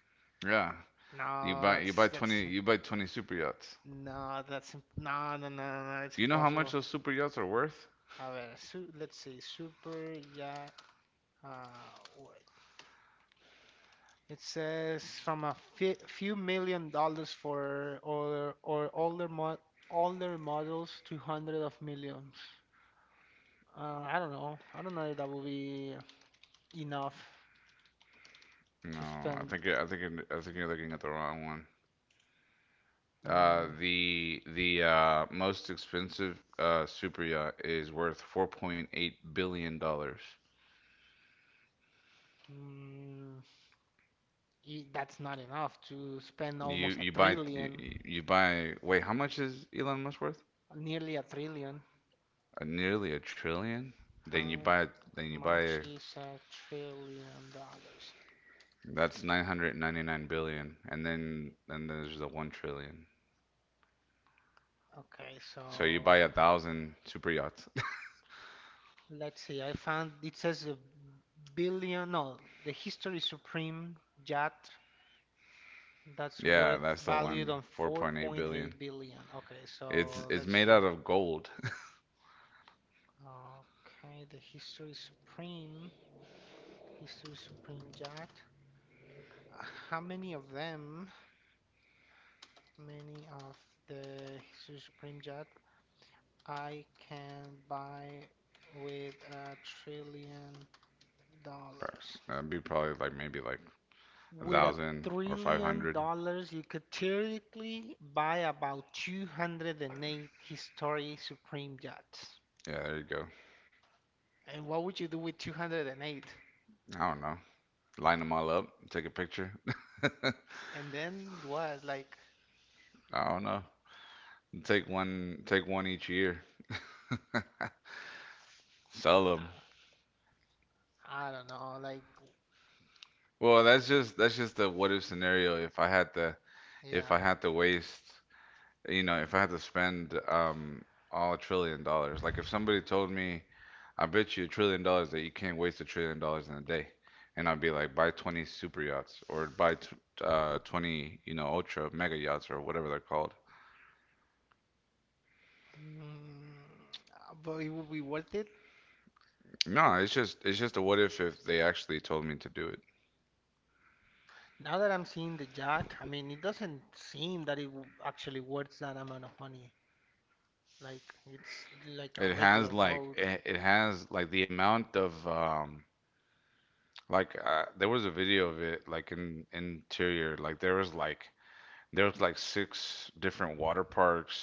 Yeah.
No,
You buy
that's
20 you buy 20 super yachts.
no, that's im- no, no, no, no, it's
You know how much
impossible.
those super yachts are worth?
A ver, su let's see, yeah, what? It says from a fe few million dollars for older or older models to hundred of millions. I don't know. I don't know if that will be enough
No,
to
I
spend.
think I think you're- I think you're looking at the wrong one. Uh,
Uh,
the the uh, most expensive super yacht is worth $4.8 billion.
mm, that's not enough to spend almost a
You,
trillion,
you buy wait, how much is Elon Musk worth?
nearly a trillion.
Nearly a trillion. Then you
How
buy then you
much
buy
is a trillion dollars?
that's 999 billion, and then there's the 1 trillion.
Okay,
So you buy a
so
thousand super yachts. <laughs>
let's see. I found it says a billion. No, the History Supreme yacht that's
Yeah,
worth
that's the
valued
one.
on
4.8 billion.
4.8 billion. Okay,
It's
so
it's
let's
made
see.
out of gold.
Okay, the History Supreme, History Supreme yacht. Uh, How many of them, many of the History Supreme yacht I can buy with a trillion dollars?
That'd be probably like maybe like a
With a
thousand or five
trillion
hundred.
dollars, you could theoretically buy about 208 historic Supreme yachts.
Yeah, there you go.
And what would you do with 208? And eight?
I don't know. Line them all up, take a picture. <laughs>
And then what? Like,
I don't know. Take one each year. Sell them.
uh, I don't know. Like,
Well, that's just the what if scenario. If I had to, if
yeah.
I had to waste you know, if I had to spend all $1 trillion, like if somebody told me, I bet you $1 trillion that you can't waste $1 trillion in a day, and I'd be like, buy 20 super yachts or buy t 20, ultra mega yachts or whatever they're called.
Mm, but it would be worth it.
No, it's just a what if they actually told me to do it.
Now that I'm seeing the yacht, I mean, it doesn't seem that actually worth that amount of money. Like, it's like a
It has
regular
like
boat.
it, it has like the amount of like there was a video of it like in interior like there was like there was like six different water parks,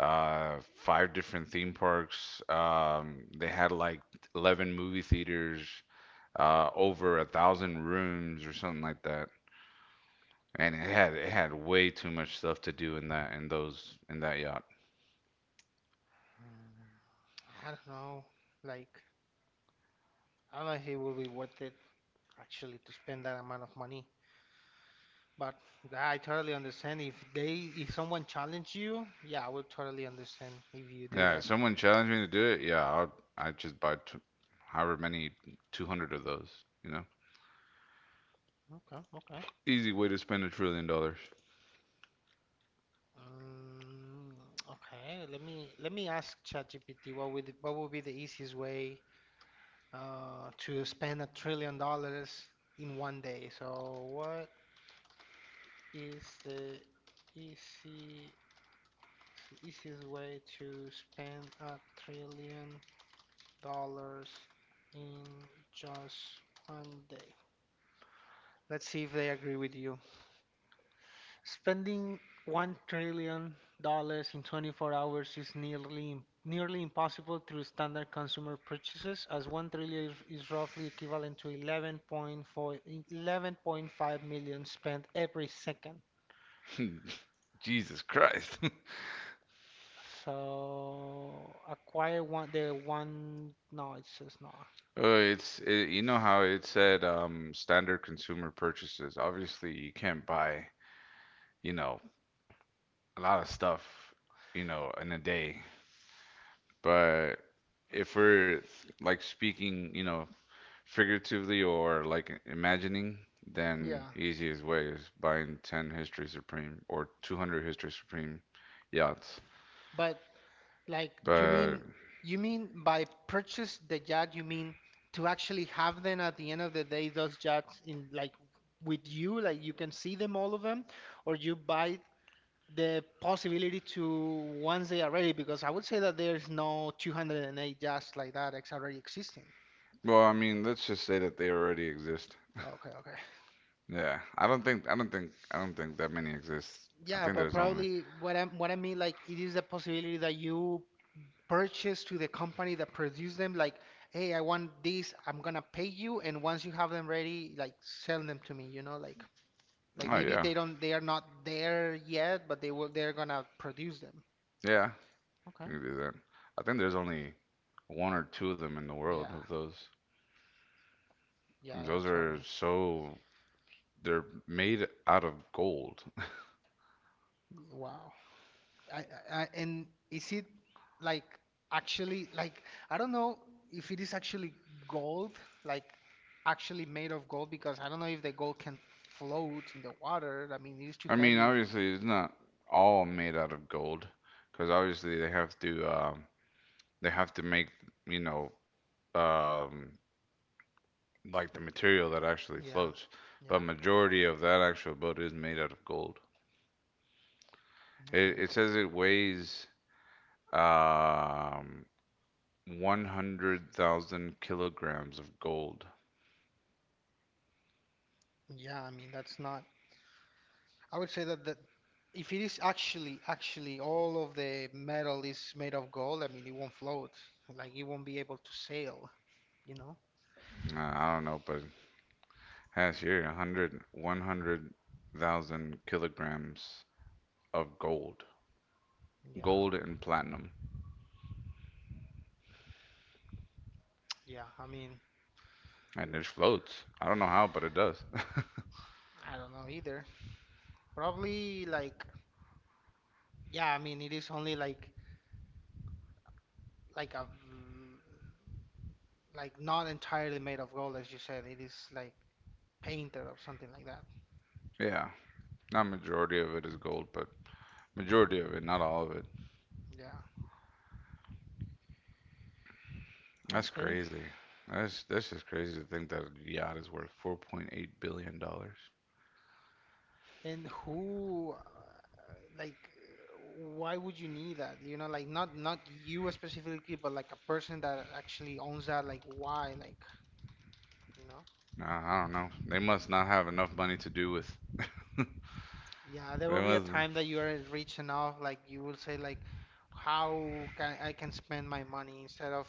five different theme parks. They had like 11 movie theaters, over a thousand rooms or something like that. And it had way too much stuff to do in that in those in that yacht.
Mm, I don't know. Like, I don't know if it will be worth it actually to spend that amount of money. But yeah, I totally understand if someone challenge you, yeah, I would totally understand if you do
Yeah, if
that.
someone challenged me to do it, yeah, I'd just buy t however many 200 of those, you know?
Okay.
Easy way to spend $1 trillion.
Um, okay, let me ask ChatGPT what would be the easiest way to spend a trillion dollars in 1 day. So what is the easy easiest way to spend a trillion dollars in just 1 day. Let's see if they agree with you. Spending 1 trillion dollars in 24 hours is nearly impossible through standard consumer purchases, as 1 trillion is roughly equivalent to 11.4 11.5 million spent every second.
<laughs> Jesus Christ. <laughs>
So acquire one the one no, it says no.
Oh, you know how it said standard consumer purchases. Obviously, you can't buy, you know, a lot of stuff, in a day. But if we're like speaking, figuratively or like imagining, then
Yeah,
easiest way is buying 10 History Supreme or 200 History Supreme yachts.
but like,
But
you mean by purchase the yacht, you mean to actually have them at the end of the day, those yachts in like with you, like you can see them, all of them, or you buy the possibility to once they are ready? Because I would say that there's no 208 yachts like that ex already existing.
well, I mean, let's just say that they already exist.
Okay.
Yeah, I don't think that many exist. I
Yeah,
think
but
there's only.
probably what I mean like it is a possibility that you purchase to the company that produced them like, hey, I want these, I'm gonna pay you, and once you have them ready, like, sell them to me, you know, like
Oh
maybe
yeah,
they don't they are not there yet but they're gonna produce them.
yeah,
Okay.
you can do that. I think there's only one or two of them in the world of
Yeah,
those.
yeah
'Cause
yeah
Those are
totally.
so they're made out of gold.
Wow. I, and is it like actually like I don't know if it is actually gold, like actually made of gold, because I don't know if the gold can float in the water. I mean, it is too
I mean,
heavy.
obviously it's not all made out of gold, because obviously they have to make you know um, like the material that actually
Yeah,
floats. But
yeah,
majority of that actual boat is made out of gold. It,
okay.
it says it weighs um, 100,000 kilograms of gold.
Yeah. I mean, that's not. I would say that if it is actually all of the metal is made of gold, I mean, it won't float. Like, it won't be able to sail. You know?
Nah, I don't know, but has here a hundred, 100,000 kilograms of gold.
Yeah,
Gold and platinum.
yeah. I mean,
And it floats. I don't know how, but it does. <laughs>
I don't know either. Probably like yeah. I mean, it is only like a, mm, like not entirely made of gold, as you said. It is like painted or something like that.
Yeah. Not majority of it is gold, but majority of it, not all of it.
Yeah.
That's
Okay.
crazy. That's just crazy to think that a yacht is worth $4.8 billion.
And who, like, why would you need that? You know, like not you specifically, but like a person that actually owns that. Like, why? Like, you know?
Nah, I don't know. They must not have enough money to do with.
Yeah, there
They
will be a
must.
time that you are rich enough, like you will say, like, how can I can spend my money instead of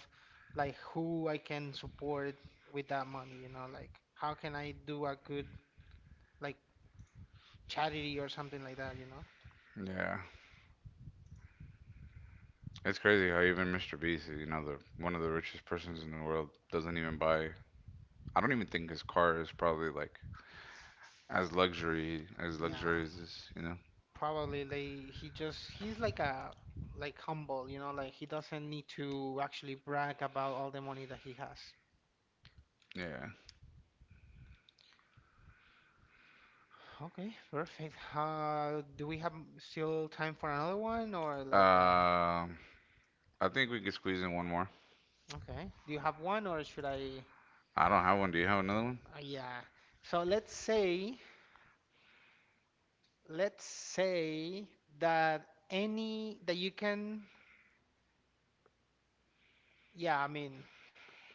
like who I can support with that money. You know, like how can I do a good like charity or something like that. You know?
Yeah. It's crazy how even Mr. Beast, the one of the richest persons in the world, doesn't even buy. I don't even think his car is probably like as luxury as
Yeah.
luxurious as.
Probably they he just he's like a like humble, you know, like he doesn't need to actually brag about all the money that he has.
Yeah.
Okay, perfect. Do we have still time for another one or like uh,
Um, I think we could squeeze in one more.
okay. Do you have one or should I
I don't have one. Do you have another one?
yeah. So let's say that any that you can yeah, I mean,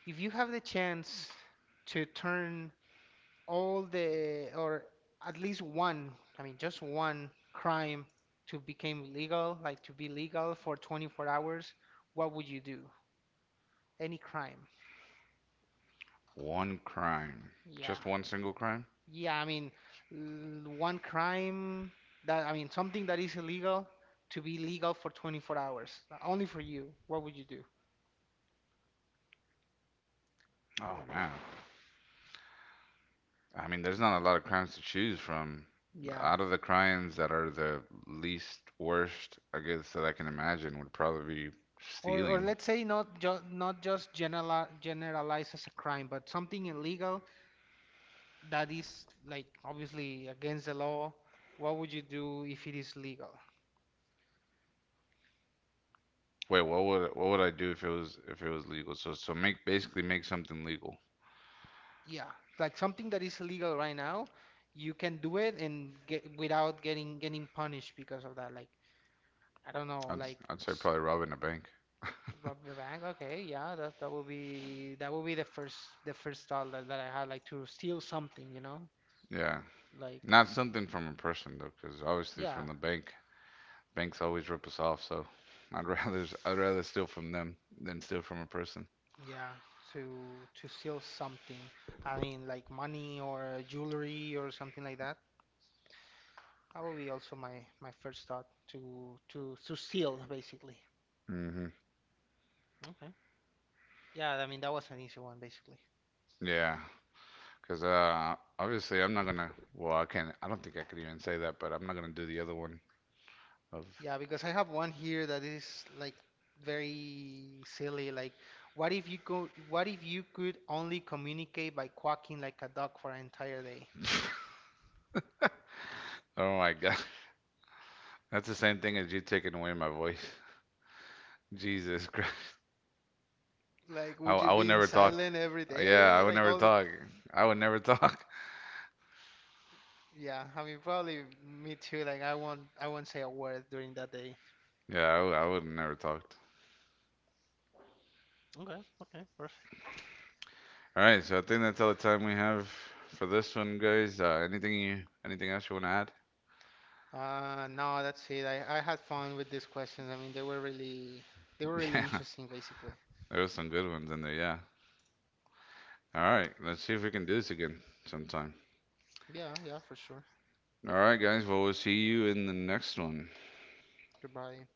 if you have the chance to turn all the or at least one, I mean just one crime to become legal, like to be legal for 24 hours, what would you do? Any crime.
One crime.
Yeah.
Just one single crime?
Yeah, I mean one crime that, I mean, something that is illegal to be legal for 24 hours, only for you. What would you do?
Oh man. I mean, there's not a lot of crimes to choose from.
Yeah.
Out of the crimes that are the least worst, I guess that I can imagine would probably be
Or
stealing.
let's say not just generalize as a crime, but something illegal that is like obviously against the law, what would you do if it is legal?
Wait, what would I do if it was legal? So so make basically make something legal.
Yeah, like something that is illegal right now, you can do it and get without getting punished because of that. Like I don't know,
I'd
like
I'd say
s-
probably robbing a bank.
rob the bank. Okay, yeah, that that would be the first thought that I had, like to steal something, you know?
Yeah,
Like
not something from a person though, because obviously
yeah,
from the bank, banks always rip us off. So I'd <laughs> rather I'd rather steal from them than steal from a person.
yeah, to steal something. I mean, like money or jewelry or something like that. Probably also my first thought to to steal basically.
Hmm.
Okay. Yeah, I mean that was an easy one basically.
Yeah, because obviously I'm not gonna. Well, I can't. I don't think I could even say that, but I'm not gonna do the other one of.
Yeah, because I have one here that is like very silly. Like, what if you go? What if you could only communicate by quacking like a dog for an entire day?
<laughs> Oh my God, that's the same thing as you taking away my voice. <laughs> Jesus Christ.
Like,
I,
would you
I would
be in
never talk.
silent every
Yeah, I
day?
would
Like
never
all the
talk. I would never talk. <laughs>
yeah. I mean, probably me too. Like, I won't say a word during that day.
Yeah, I would never talk.
Okay, perfect.
All right, so I think that's all the time we have for this one, guys. Anything you, anything else you want to add?
No, that's it. I had fun with these questions. I mean, they were
<laughs>
really
Yeah,
interesting, basically.
there was some good ones in there. Yeah. All right, let's see if we can do this again sometime.
Yeah, yeah, for sure.
All right, guys. Well, we'll see you in the next one.
Goodbye.